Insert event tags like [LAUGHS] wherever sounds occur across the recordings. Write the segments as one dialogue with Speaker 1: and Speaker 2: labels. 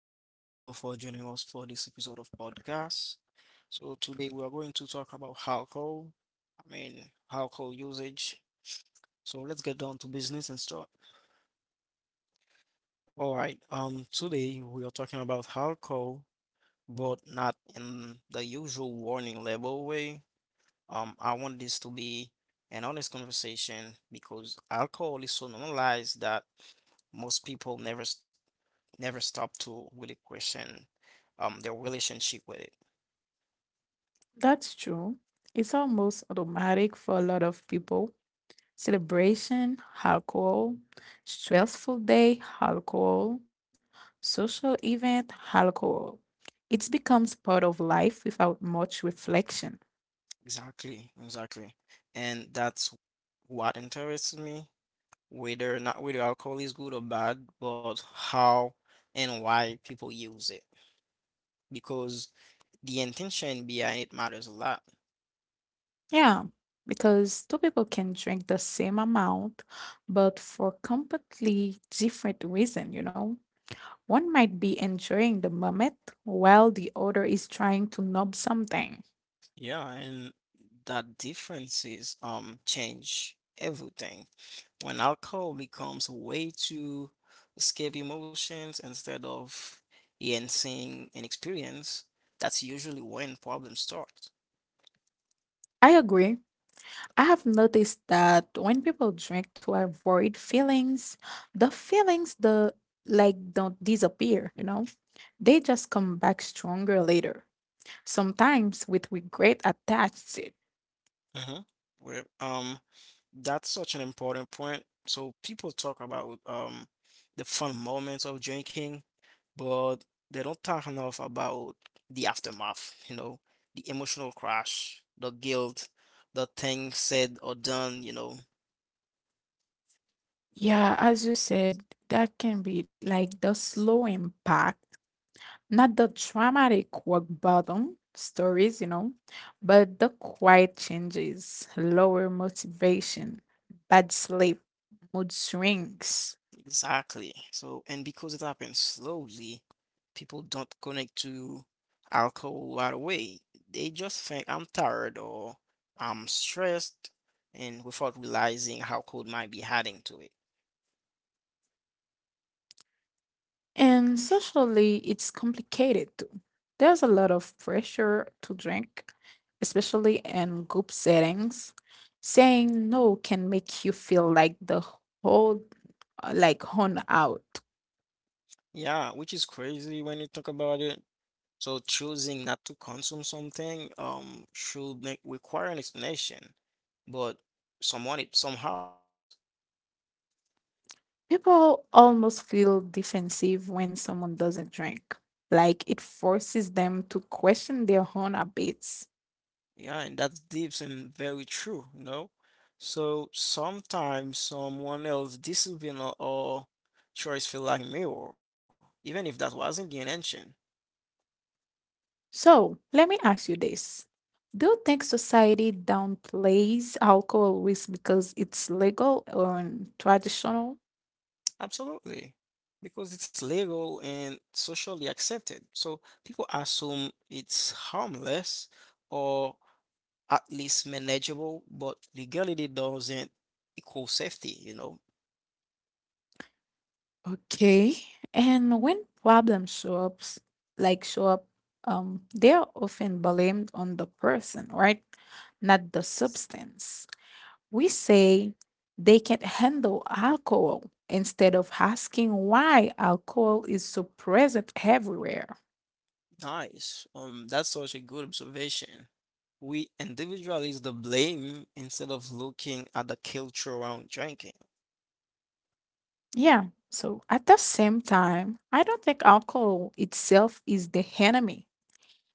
Speaker 1: everyone. Hello for joining us for this episode of podcast. So today we are going to talk about alcohol. I mean, alcohol usage. So let's get down to business and start. All right. Today we are talking about alcohol, but not in the usual warning label way. I want this to be an honest conversation because alcohol is so normalized that most people never stop to really question their relationship with it.
Speaker 2: That's true. It's almost automatic for a lot of people. Celebration, alcohol, stressful day, alcohol, social event, alcohol. It becomes part of life without much reflection.
Speaker 1: Exactly. And that's what interests me, whether not whether alcohol is good or bad, but how and why people use it. Because the intention behind it matters a lot.
Speaker 2: Yeah, because two people can drink the same amount, but for completely different reason, you know. One might be enjoying the moment while the other is trying to numb something.
Speaker 1: Yeah, and that differences change everything. When alcohol becomes a way to escape emotions instead of enhancing an experience, that's usually when problems start.
Speaker 2: I agree. I have noticed that when people drink to avoid feelings the like don't disappear, you know? They just come back stronger later, sometimes with regret attached to it.
Speaker 1: Mm-hmm. Well, um, that's such an important point. So people talk about the fun moments of drinking, but they don't talk enough about the aftermath, you know, the emotional crash, the guilt, the things said or done, you know.
Speaker 2: Yeah, as you said, that can be like the slow impact, not the traumatic rock bottom stories, you know, but the quiet changes, lower motivation, bad sleep, mood swings.
Speaker 1: Exactly. So, and because it happens slowly, people don't connect to alcohol right away. They just think I'm tired or I'm stressed, and without realizing how cold might be adding to it.
Speaker 2: And socially, it's complicated too. There's a lot of pressure to drink, especially in group settings. Saying no can make you feel like the whole, hung out.
Speaker 1: Yeah, which is crazy when you talk about it. So choosing not to consume something should make require an explanation, but someone it somehow it does.
Speaker 2: People almost feel defensive when someone doesn't drink, like it forces them to question their own habits.
Speaker 1: Yeah, and that's deep and very true, you know? So sometimes someone else's discipline or choice feel like mirror, even if that wasn't the intention.
Speaker 2: So, let me ask you this. Do you think society downplays alcohol risk because it's legal or traditional?
Speaker 1: Absolutely. Because it's legal and socially accepted. So people assume it's harmless or at least manageable, but legality doesn't equal safety, you know?
Speaker 2: Okay. And when problems show up, like show up, they are often blamed on the person, right? Not the substance. We say they can't handle alcohol instead of asking why alcohol is so present everywhere.
Speaker 1: Nice. That's such a good observation. We individualize the blame instead of looking at the culture around drinking.
Speaker 2: Yeah. So at the same time, I don't think alcohol itself is the enemy.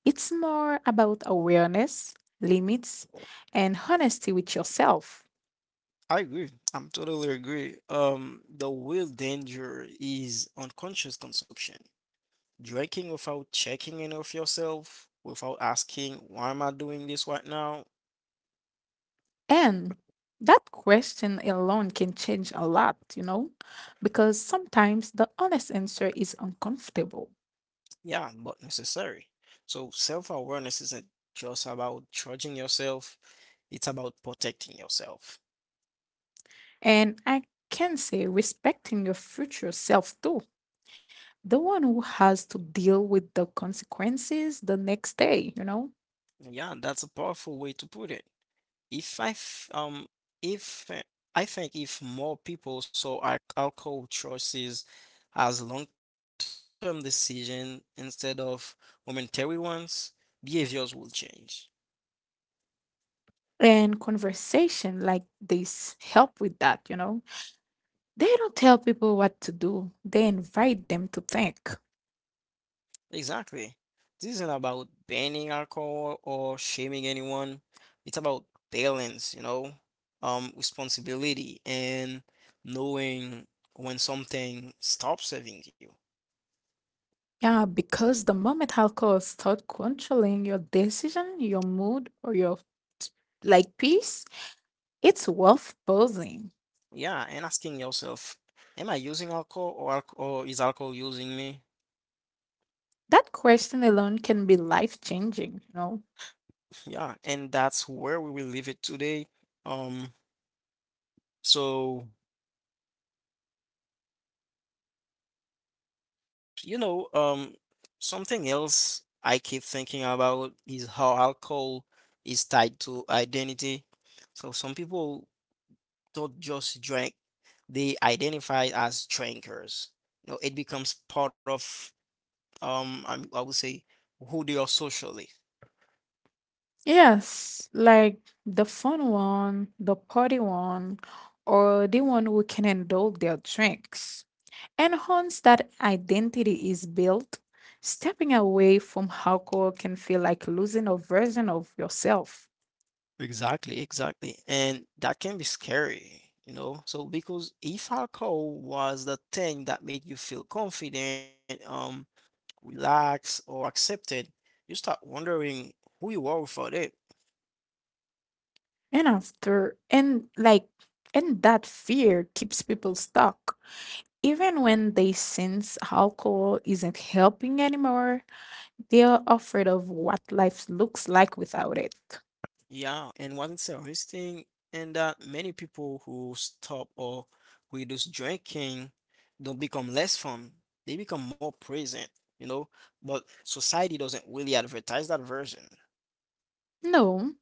Speaker 2: It's more about awareness, limits, and honesty with yourself.
Speaker 1: I agree. I'm totally agree. The real danger is unconscious consumption. Drinking without checking in of yourself, without asking, why am I doing this right now?
Speaker 2: And that question alone can change a lot, you know, because sometimes the honest answer is uncomfortable.
Speaker 1: Yeah, but necessary. So self-awareness isn't just about judging yourself, it's about protecting yourself.
Speaker 2: And I can say respecting your future self too. The one who has to deal with the consequences the next day, you know?
Speaker 1: Yeah, that's a powerful way to put it. If I f- if I think if more people saw alcohol choices as long-term decision instead of momentary ones, behaviors will change.
Speaker 2: And conversation like this help with that, you know? They don't tell people what to do, they invite them to think.
Speaker 1: Exactly. This isn't about banning alcohol or shaming anyone. It's about balance, you know, responsibility and knowing when something stops serving you.
Speaker 2: Yeah, because the moment alcohol start controlling your decision, your mood, or your like peace, it's worth pausing.
Speaker 1: Yeah, and asking yourself, am I using alcohol or is alcohol using me?
Speaker 2: That question alone can be life changing, you know?
Speaker 1: Yeah, and that's where we will leave it today. Um, so you know, um, Something else I keep thinking about is how alcohol is tied to identity. So some people don't just drink, they identify as drinkers. You know, it becomes part of I would say who they are socially.
Speaker 2: Yes, like the fun one, the party one, or the one who can indulge their drinks. And once that identity is built, stepping away from alcohol can feel like losing a version of yourself.
Speaker 1: Exactly. And that can be scary, you know? So because if alcohol was the thing that made you feel confident, relaxed or accepted, you start wondering who you are without it.
Speaker 2: And after, and like, and that fear keeps people stuck. Even when they sense alcohol isn't helping anymore, they're afraid of what life looks like without it.
Speaker 1: Yeah, and what's interesting in that many people who stop or reduce drinking don't become less fun. They become more present, you know? But society doesn't really advertise that version.
Speaker 2: No,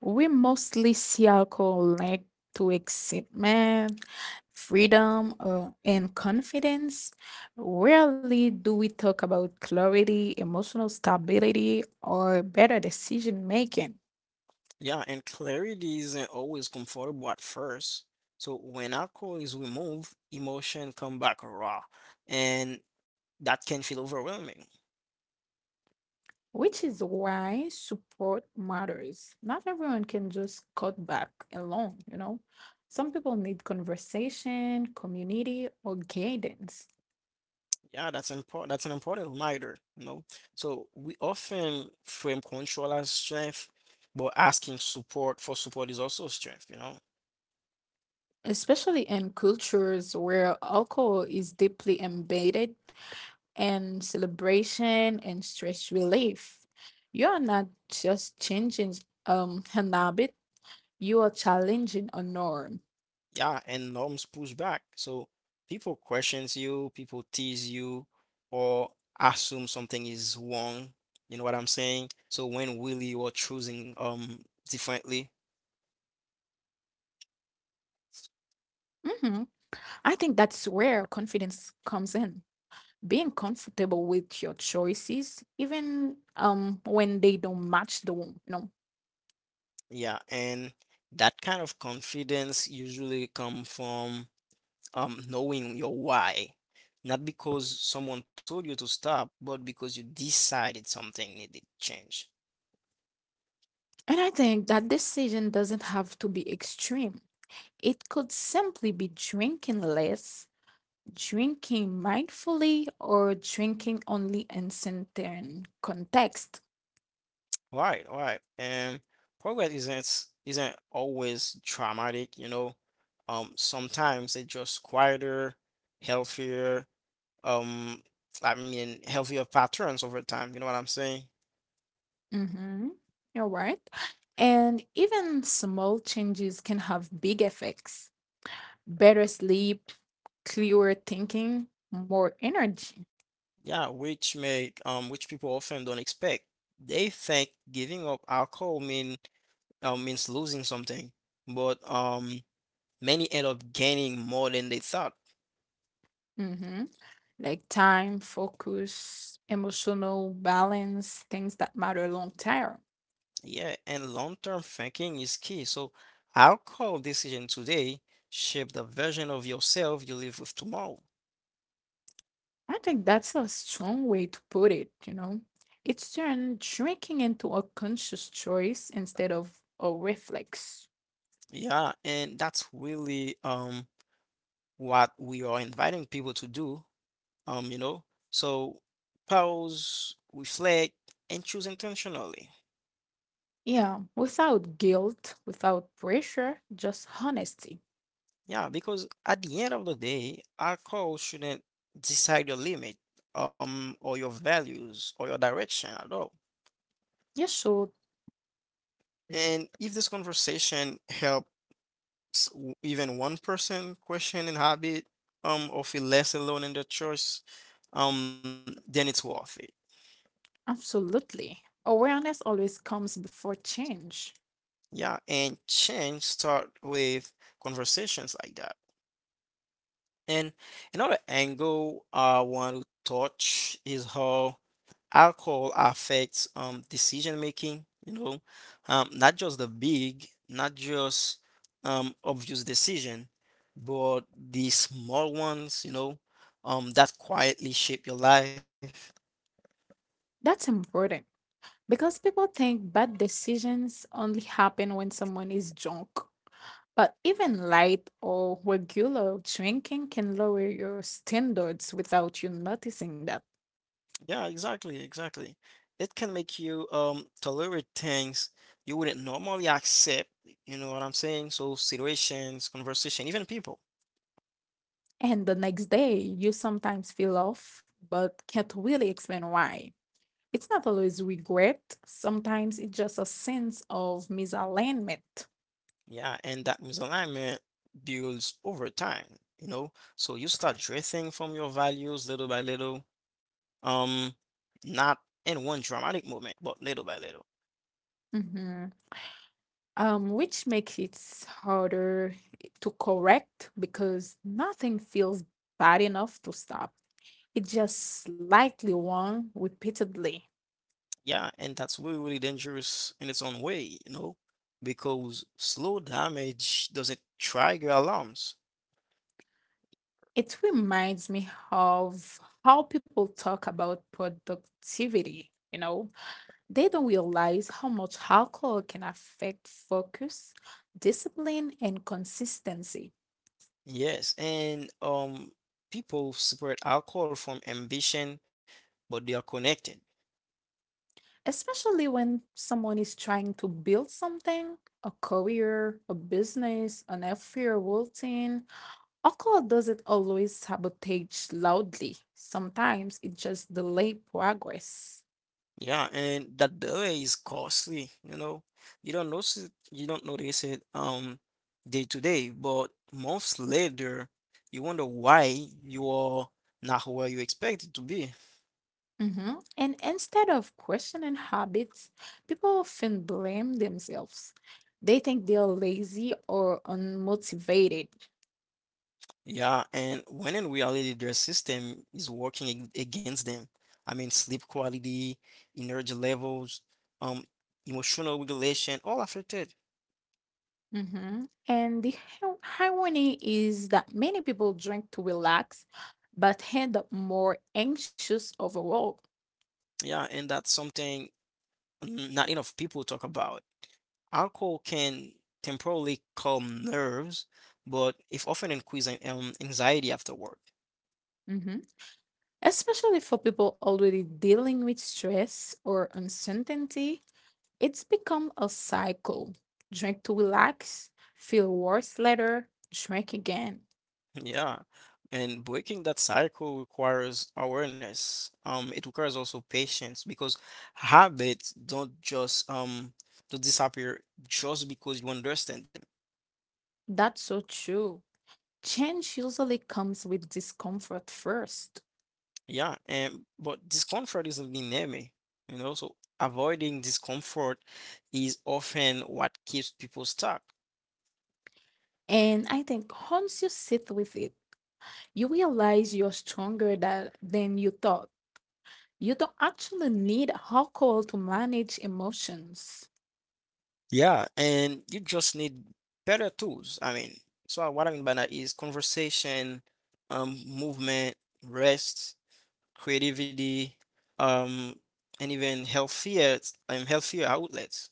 Speaker 2: we mostly see alcohol linked to excitement, freedom, and confidence. Rarely do we talk about clarity, emotional stability, or better decision making.
Speaker 1: Yeah, and clarity isn't always comfortable at first. So when alcohol is removed, emotion come back raw, and that can feel overwhelming.
Speaker 2: Which is why support matters. Not everyone can just cut back alone, you know? Some people need conversation, community, or guidance,
Speaker 1: Yeah, that's important. That's an important reminder, you know. So we often frame control as strength, but asking support for support is also strength, you know.
Speaker 2: especially in cultures where alcohol is deeply embedded in celebration and stress relief. You're not just changing an habit, you are challenging a norm.
Speaker 1: Yeah, and norms push back. So people questions you, people tease you, or assume something is wrong. You know what I'm saying? So when really you are choosing differently,
Speaker 2: Hmm. I think that's where confidence comes in, being comfortable with your choices even when they don't match the one, you know.
Speaker 1: yeah, and that kind of confidence usually come from knowing your why, not because someone told you to stop, but because you decided something needed change.
Speaker 2: And I think that decision doesn't have to be extreme. It could simply be drinking less, drinking mindfully, or drinking only in certain context.
Speaker 1: Right. And progress isn't always traumatic, you know. Sometimes it's just quieter, healthier, um, healthier patterns over time, you know what I'm saying?
Speaker 2: Mm-hmm. You're right, and even small changes can have big effects: better sleep, clearer thinking, more energy.
Speaker 1: Yeah, which make which people often don't expect. They think giving up alcohol mean means losing something, but many end up gaining more than they thought.
Speaker 2: Mhm. Like time, focus, emotional balance, things that matter long term.
Speaker 1: Yeah, and long-term thinking is key. So, alcohol decision today shape the version of yourself you live with tomorrow.
Speaker 2: I think that's a strong way to put it, you know. It's turned drinking into a conscious choice instead of a reflex.
Speaker 1: Yeah, and that's really what we are inviting people to do. Um, you know, so pause, reflect, and choose intentionally.
Speaker 2: Yeah, without guilt, without pressure, just honesty.
Speaker 1: Yeah, because at the end of the day, alcohol shouldn't decide your limit, or your values or your direction at all.
Speaker 2: You should,
Speaker 1: And if this conversation helps even one person question and habit or feel less alone in the choice, then it's worth it.
Speaker 2: absolutely. Awareness always comes before change.
Speaker 1: Yeah, and change start with conversations like that. And another angle I want to touch is how alcohol affects decision making, you know, not just the big not just obvious decision, but the small ones, you know, that quietly shape your life.
Speaker 2: That's important because people think bad decisions only happen when someone is drunk. But even light or regular drinking can lower your standards without you noticing that.
Speaker 1: Yeah, exactly. It can make you tolerate things you wouldn't normally accept, you know what I'm saying? So situations, conversation, even people.
Speaker 2: And the next day, you sometimes feel off, but can't really explain why. It's not always regret, sometimes it's just a sense of misalignment.
Speaker 1: Yeah, and that misalignment builds over time, you know? So you start drifting from your values little by little. Um, Not in one dramatic moment, but little by little.
Speaker 2: Mhm. Which makes it harder to correct because nothing feels bad enough to stop. It's just slightly wrong repeatedly.
Speaker 1: Yeah, and that's really dangerous in its own way, you know? Because slow damage doesn't trigger alarms.
Speaker 2: It reminds me of how people talk about productivity. You know, they don't realize how much alcohol can affect focus, discipline, and consistency.
Speaker 1: Yes, and People separate alcohol from ambition, but they are connected.
Speaker 2: Especially when someone is trying to build something: a career, a business, an everyday routine. Alcohol doesn't always sabotage loudly. Sometimes it just delays progress.
Speaker 1: Yeah, and that delay is costly, you know. You don't notice it day to day, but months later, you wonder why you are not where you expected to be.
Speaker 2: Mhm. And instead of questioning habits, people often blame themselves. They think they are lazy or unmotivated.
Speaker 1: Yeah, and when in reality their system is working against them. I mean, sleep quality, energy levels, um, emotional regulation, all affected.
Speaker 2: Hmm. And har- irony is that many people drink to relax, but end up more anxious overall.
Speaker 1: Yeah, and that's something not enough people talk about. Alcohol can temporarily calm nerves, but it often increases anxiety after work.
Speaker 2: Hmm. Especially for people already dealing with stress or uncertainty. It's become a cycle. Drink to relax, feel worse later, drink again.
Speaker 1: Yeah, and breaking that cycle requires awareness. It requires also patience because habits don't disappear just because you understand them.
Speaker 2: That's so true. Change usually comes with discomfort first.
Speaker 1: Yeah, and but discomfort is an enemy, you know, so avoiding discomfort is often what keeps people stuck.
Speaker 2: And I think once you sit with it, you realize you're stronger than you thought. You don't actually need alcohol to manage emotions.
Speaker 1: Yeah, and you just need better tools. I mean, so what I mean by that is conversation, movement, rest, creativity, um, and even healthier outlets.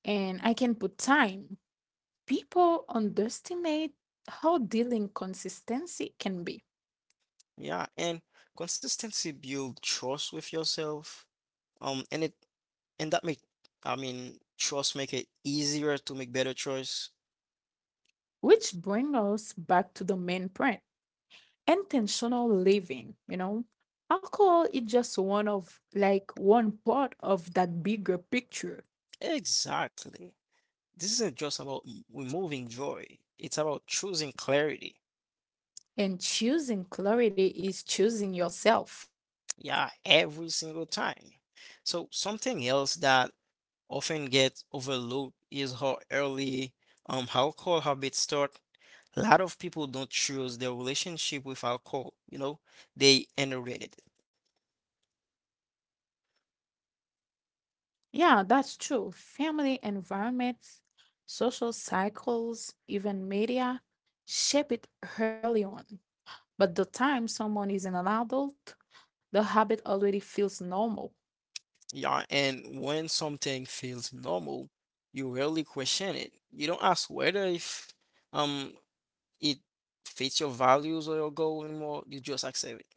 Speaker 2: And I can put time. People underestimate how dealing consistency can be,
Speaker 1: Yeah, and consistency build trust with yourself. And it And that make, I mean, trust make it easier to make better choice.
Speaker 2: which brings us back to the main point: intentional living, you know? Alcohol is just one part of that bigger picture.
Speaker 1: Exactly. This isn't just about removing joy. It's about choosing clarity.
Speaker 2: And choosing clarity is choosing yourself.
Speaker 1: Yeah, every single time. So something else that often gets overlooked is how early alcohol habits start. A lot of people don't choose their relationship with alcohol, you know, they inherit it.
Speaker 2: Yeah, that's true. Family, environments, social cycles, even media shape it early on. But the time someone is an adult, the habit already feels normal.
Speaker 1: Yeah, and when something feels normal, you rarely question it. You don't ask whether if um it fits your values or your goal anymore. You just accept it.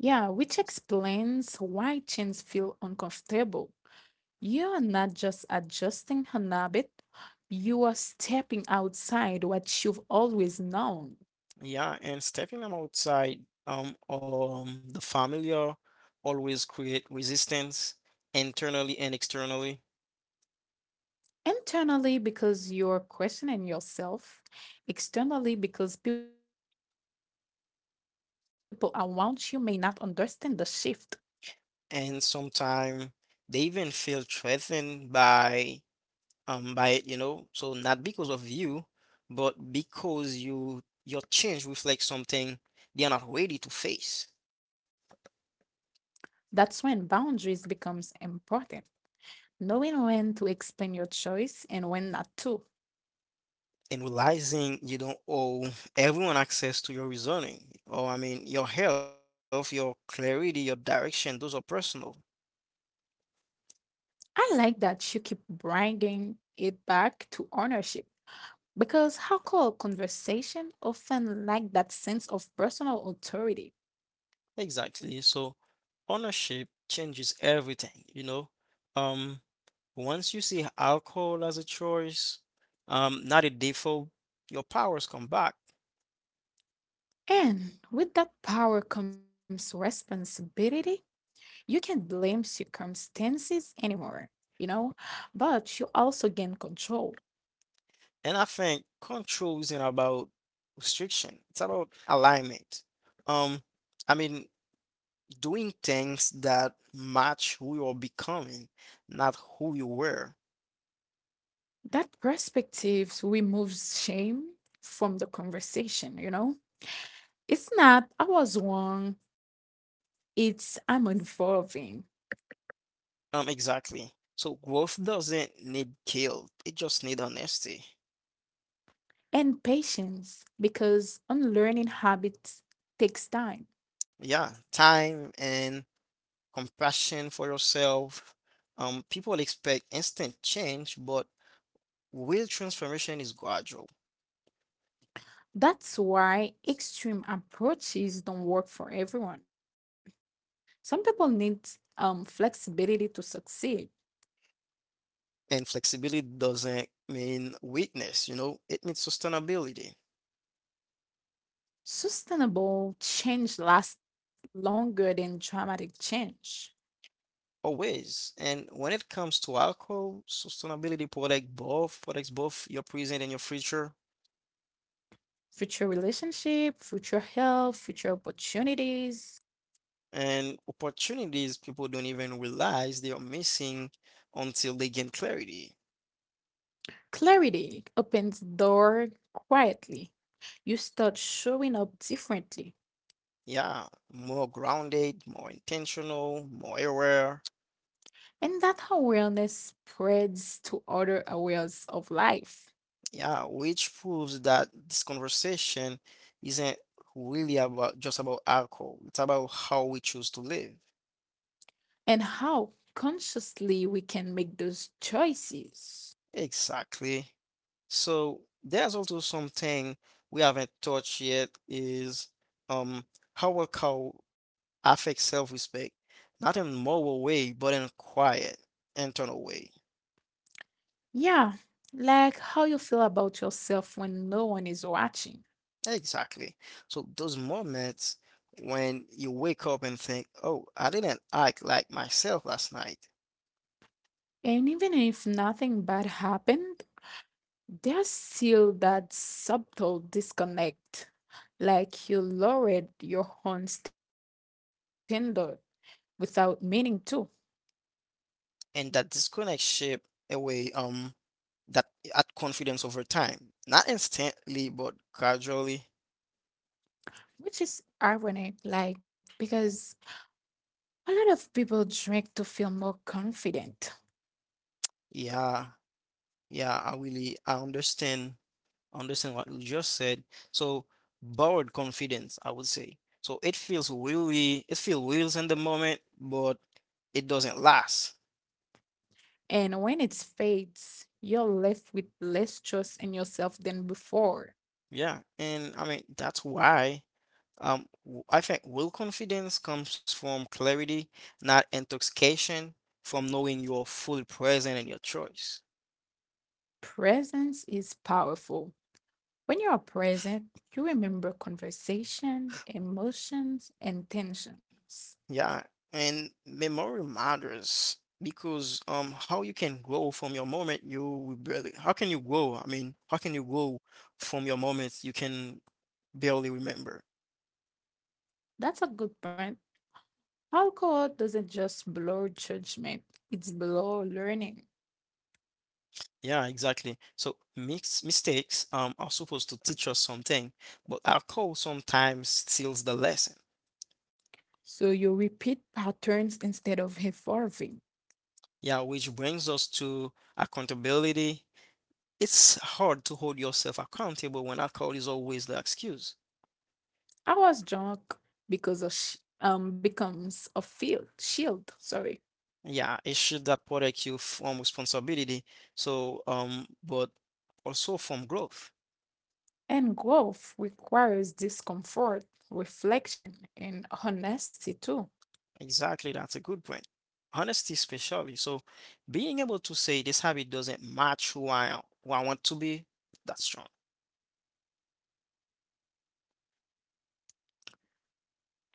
Speaker 2: Yeah, which explains why chains feel uncomfortable. You are not just adjusting an habit, you are stepping outside what you've always known.
Speaker 1: Yeah, and stepping them outside the familiar always create resistance internally and externally,
Speaker 2: Internally, because you're questioning yourself; externally, because people around you may not understand the shift.
Speaker 1: and sometimes they even feel threatened by it, you know. So not because of you, but because you your change reflects something they are not ready to face.
Speaker 2: That's when boundaries becomes important. Knowing when to explain your choice and when not to.
Speaker 1: And realizing you don't owe everyone access to your reasoning, or I mean, your health, your clarity, your direction, those are personal.
Speaker 2: I like that you keep bringing it back to ownership, because hardcore conversation often lack that sense of personal authority.
Speaker 1: Exactly. So ownership changes everything, you know. Um, Once you see alcohol as a choice, not a default, your powers come back.
Speaker 2: And with that power comes responsibility. You can't blame circumstances anymore, you know, but you also gain control.
Speaker 1: And I think control isn't about restriction. It's about alignment. Um, I mean, doing things that match who you're becoming, not who you were.
Speaker 2: That perspective removes shame from the conversation, you know. It's not, "I was wrong," it's, "I'm evolving."
Speaker 1: Exactly. So growth doesn't need guilt. It just needs honesty.
Speaker 2: And patience, because unlearning habits takes time.
Speaker 1: Yeah, time and compassion for yourself. People expect instant change, but real transformation is gradual.
Speaker 2: That's why extreme approaches don't work for everyone. Some people need flexibility to succeed.
Speaker 1: And flexibility doesn't mean weakness, you know, it means sustainability
Speaker 2: Sustainable change lasts longer than dramatic change.
Speaker 1: always. And when it comes to alcohol, sustainability protects both your present and your future.
Speaker 2: Future relationship, future health, future opportunities.
Speaker 1: And opportunities people don't even realize they are missing until they gain clarity.
Speaker 2: Clarity opens door quietly. You start showing up differently.
Speaker 1: Yeah, more grounded, more intentional, more aware.
Speaker 2: And that awareness spreads to other areas of life.
Speaker 1: Yeah, which proves that this conversation isn't really about alcohol. It's about how we choose to live.
Speaker 2: And how consciously we can make those choices.
Speaker 1: Exactly. So there's also something we haven't touched yet is um how will cow affect self-respect? Not in moral way, but in quiet, internal way.
Speaker 2: Yeah, like how you feel about yourself when no one is watching.
Speaker 1: Exactly. So those moments when you wake up and think, "Oh, I didn't act like myself last night,"
Speaker 2: And even if nothing bad happened, there's still that subtle disconnect, like you lowered your own standard without meaning to,
Speaker 1: and that disconnect shape away that at confidence over time, not instantly, but gradually.
Speaker 2: which is ironic, because a lot of people drink to feel more confident.
Speaker 1: Yeah. Yeah, I really I understand understand what you just said. So borrowed confidence, I would say. So it feels real in the moment, but it doesn't last.
Speaker 2: And when it fades, you're left with less trust in yourself than before.
Speaker 1: Yeah, and I mean that's why I think real confidence comes from clarity, not intoxication, from knowing you're fully present in your choice.
Speaker 2: Presence is powerful. When you are present, you remember conversation, emotions, and tensions.
Speaker 1: Yeah, and memory matters because how you can grow from your moment you will barely how can you grow? I mean, how can you grow from your moments you can barely remember?
Speaker 2: That's a good point. Alcohol doesn't just blur judgment, it's blur learning.
Speaker 1: Yeah, exactly. So mix mistakes are supposed to teach us something, but alcohol sometimes steals the lesson.
Speaker 2: So you repeat patterns instead of evolving.
Speaker 1: Yeah, which brings us to accountability. It's hard to hold yourself accountable when alcohol is always the excuse.
Speaker 2: I was drunk becomes a field shield, sorry.
Speaker 1: Yeah, a shift that protects you from responsibility. So, but also from growth.
Speaker 2: And growth requires discomfort, reflection, and honesty too.
Speaker 1: Exactly, that's a good point. Honesty, especially. So, being able to say this habit doesn't match who I want to be, that's strong.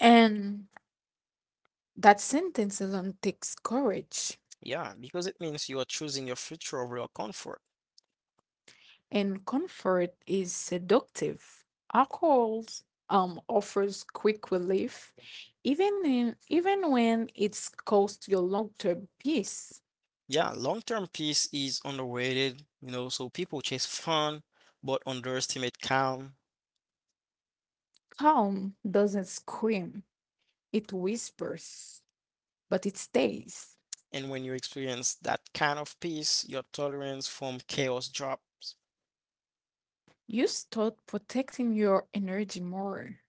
Speaker 2: And that sentence alone takes courage,
Speaker 1: Yeah, because it means you are choosing your future over your comfort.
Speaker 2: and comfort is seductive. Alcohol offers quick relief, even when it's cost your long-term peace.
Speaker 1: Yeah, long-term peace is underrated, so people chase fun but underestimate calm.
Speaker 2: Calm doesn't scream; it whispers, but it stays.
Speaker 1: And when you experience that kind of peace, your tolerance from chaos drops.
Speaker 2: You start protecting your energy more.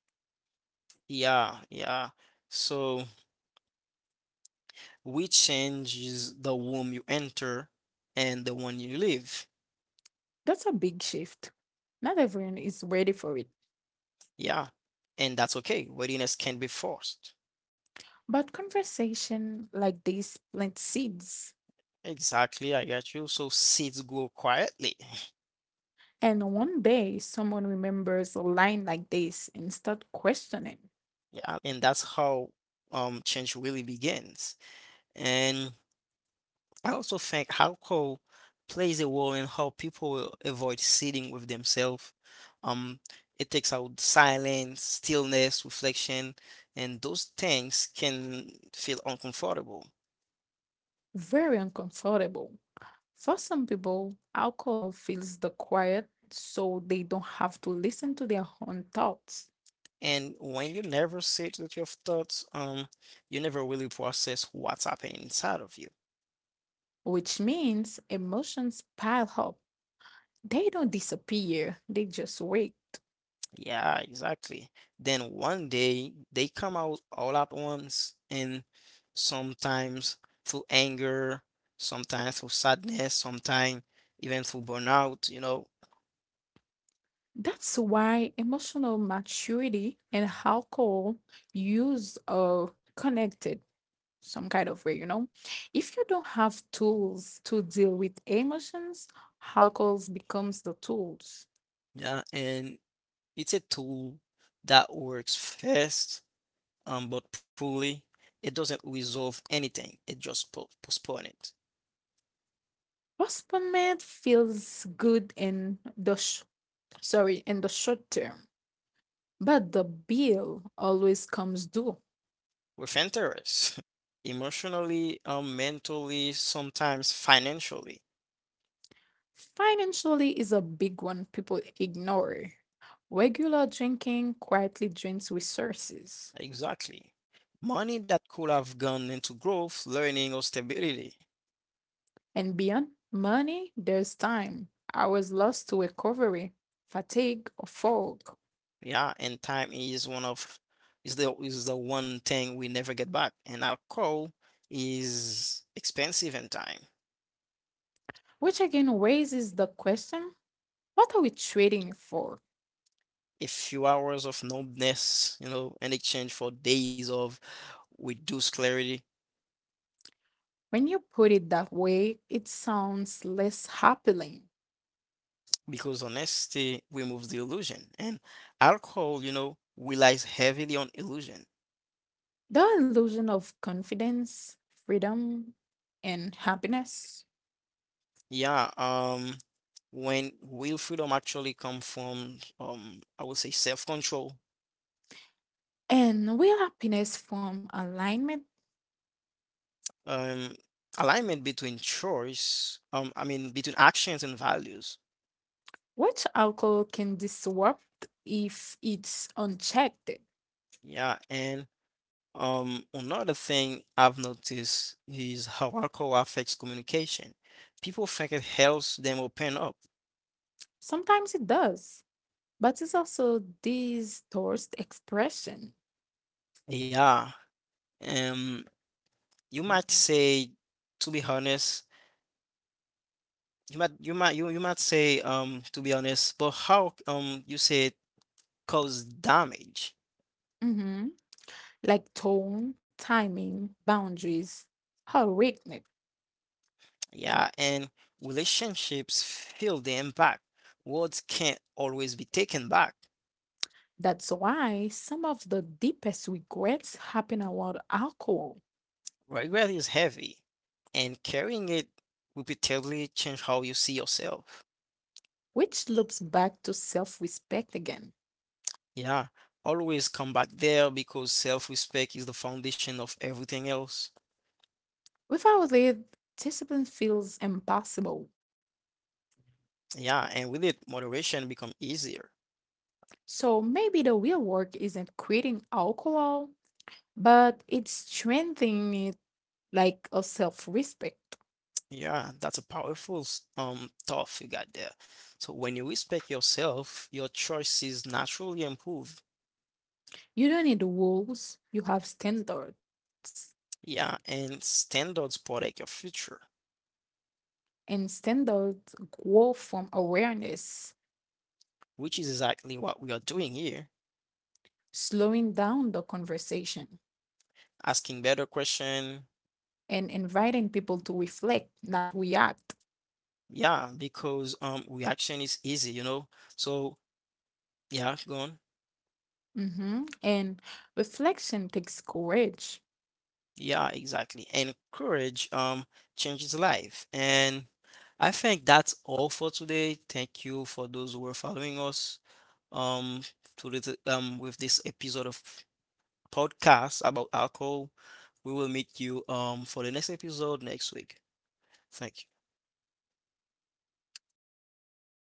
Speaker 1: Yeah, yeah. So we changes the womb you enter and the one you leave.
Speaker 2: That's a big shift. Not everyone is ready for it.
Speaker 1: Yeah. And that's okay. Readiness can be forced.
Speaker 2: But conversation like this plant seeds.
Speaker 1: Exactly, I got you. So seeds grow quietly. [LAUGHS]
Speaker 2: And one day someone remembers a line like this and start questioning.
Speaker 1: Yeah. And that's how change really begins. And I also think alcohol plays a role in how people avoid sitting with themselves. Um, it takes out silence, stillness, reflection, and those things can feel uncomfortable.
Speaker 2: Very uncomfortable. For some people, alcohol fills the quiet so they don't have to listen to their own thoughts,
Speaker 1: And when you never sit with your thoughts, you never really process what's happening inside of you.
Speaker 2: which means emotions pile up. They don't disappear, they just wait.
Speaker 1: Yeah, exactly. Then one day they come out all at once, and sometimes through anger, sometimes through sadness, sometimes even through burnout.
Speaker 2: That's why emotional maturity and alcohol use are connected some kind of way, you know. If you don't have tools to deal with emotions, alcohol becomes the tools.
Speaker 1: Yeah, and it's a tool that works fast, but poorly. It doesn't resolve anything. It just po postpone it.
Speaker 2: Postponement feels good in the sh- sorry in the short term, but the bill always comes due.
Speaker 1: We're fenters, [LAUGHS] emotionally, mentally, sometimes financially.
Speaker 2: Financially is a big one people ignore. Regular drinking quietly drains resources.
Speaker 1: Exactly. Money that could have gone into growth, learning, or stability.
Speaker 2: And beyond money, there's time, hours lost to recovery, fatigue, or fog,
Speaker 1: Yeah, and time is one of is the one thing we never get back. And alcohol is expensive in time.
Speaker 2: which again raises the question: what are we trading for?
Speaker 1: A few hours of numbness, in exchange for days of reduced clarity,
Speaker 2: When you put it that way, it sounds less appealing.
Speaker 1: because honesty removes the illusion. And alcohol, relies heavily on illusion.
Speaker 2: The illusion of confidence, freedom, and happiness.
Speaker 1: Yeah, when real freedom actually come from, I would say self-control,
Speaker 2: And will happiness form alignment?
Speaker 1: um, alignment between choice, I mean between actions and values.
Speaker 2: Which alcohol can disrupt if it's unchecked?
Speaker 1: Yeah, and another thing I've noticed is how alcohol affects communication. People think it helps them open up.
Speaker 2: Sometimes it does. But it's also these towards expression.
Speaker 1: Yeah, um, you might say, to be honest, you might say to be honest, but how you say cause damage.
Speaker 2: Mm-hmm. Like tone, timing, boundaries, her weakness.
Speaker 1: Yeah, and relationships feel the impact. Words can't always be taken back.
Speaker 2: That's why some of the deepest regrets happen around alcohol,
Speaker 1: Regret is heavy, and carrying it repeatedly change how you see yourself.
Speaker 2: which loops back to self respect again.
Speaker 1: Yeah, always come back there because self-respect is the foundation of everything else.
Speaker 2: Without it, discipline feels impossible.
Speaker 1: Yeah, and with it, moderation become easier.
Speaker 2: So maybe the real work isn't quitting alcohol, but it's strengthening it like a self respect.
Speaker 1: Yeah, that's a powerful thought you got there. So when you respect yourself, your choices naturally improve.
Speaker 2: You don't need rules, you have standards.
Speaker 1: Yeah, and standards protect your future,
Speaker 2: And standards grow from awareness,
Speaker 1: which is exactly what we are doing here.
Speaker 2: slowing down the conversation
Speaker 1: Asking better question.
Speaker 2: and inviting people to reflect, not react.
Speaker 1: Yeah, because reaction is easy. So yeah, go on.
Speaker 2: Mhm. And reflection takes courage
Speaker 1: Yeah, exactly. And courage changes life. And I think that's all for today. Thank you for those who are following us um with this episode of podcast about alcohol. We will meet you for the next episode next week. Thank you.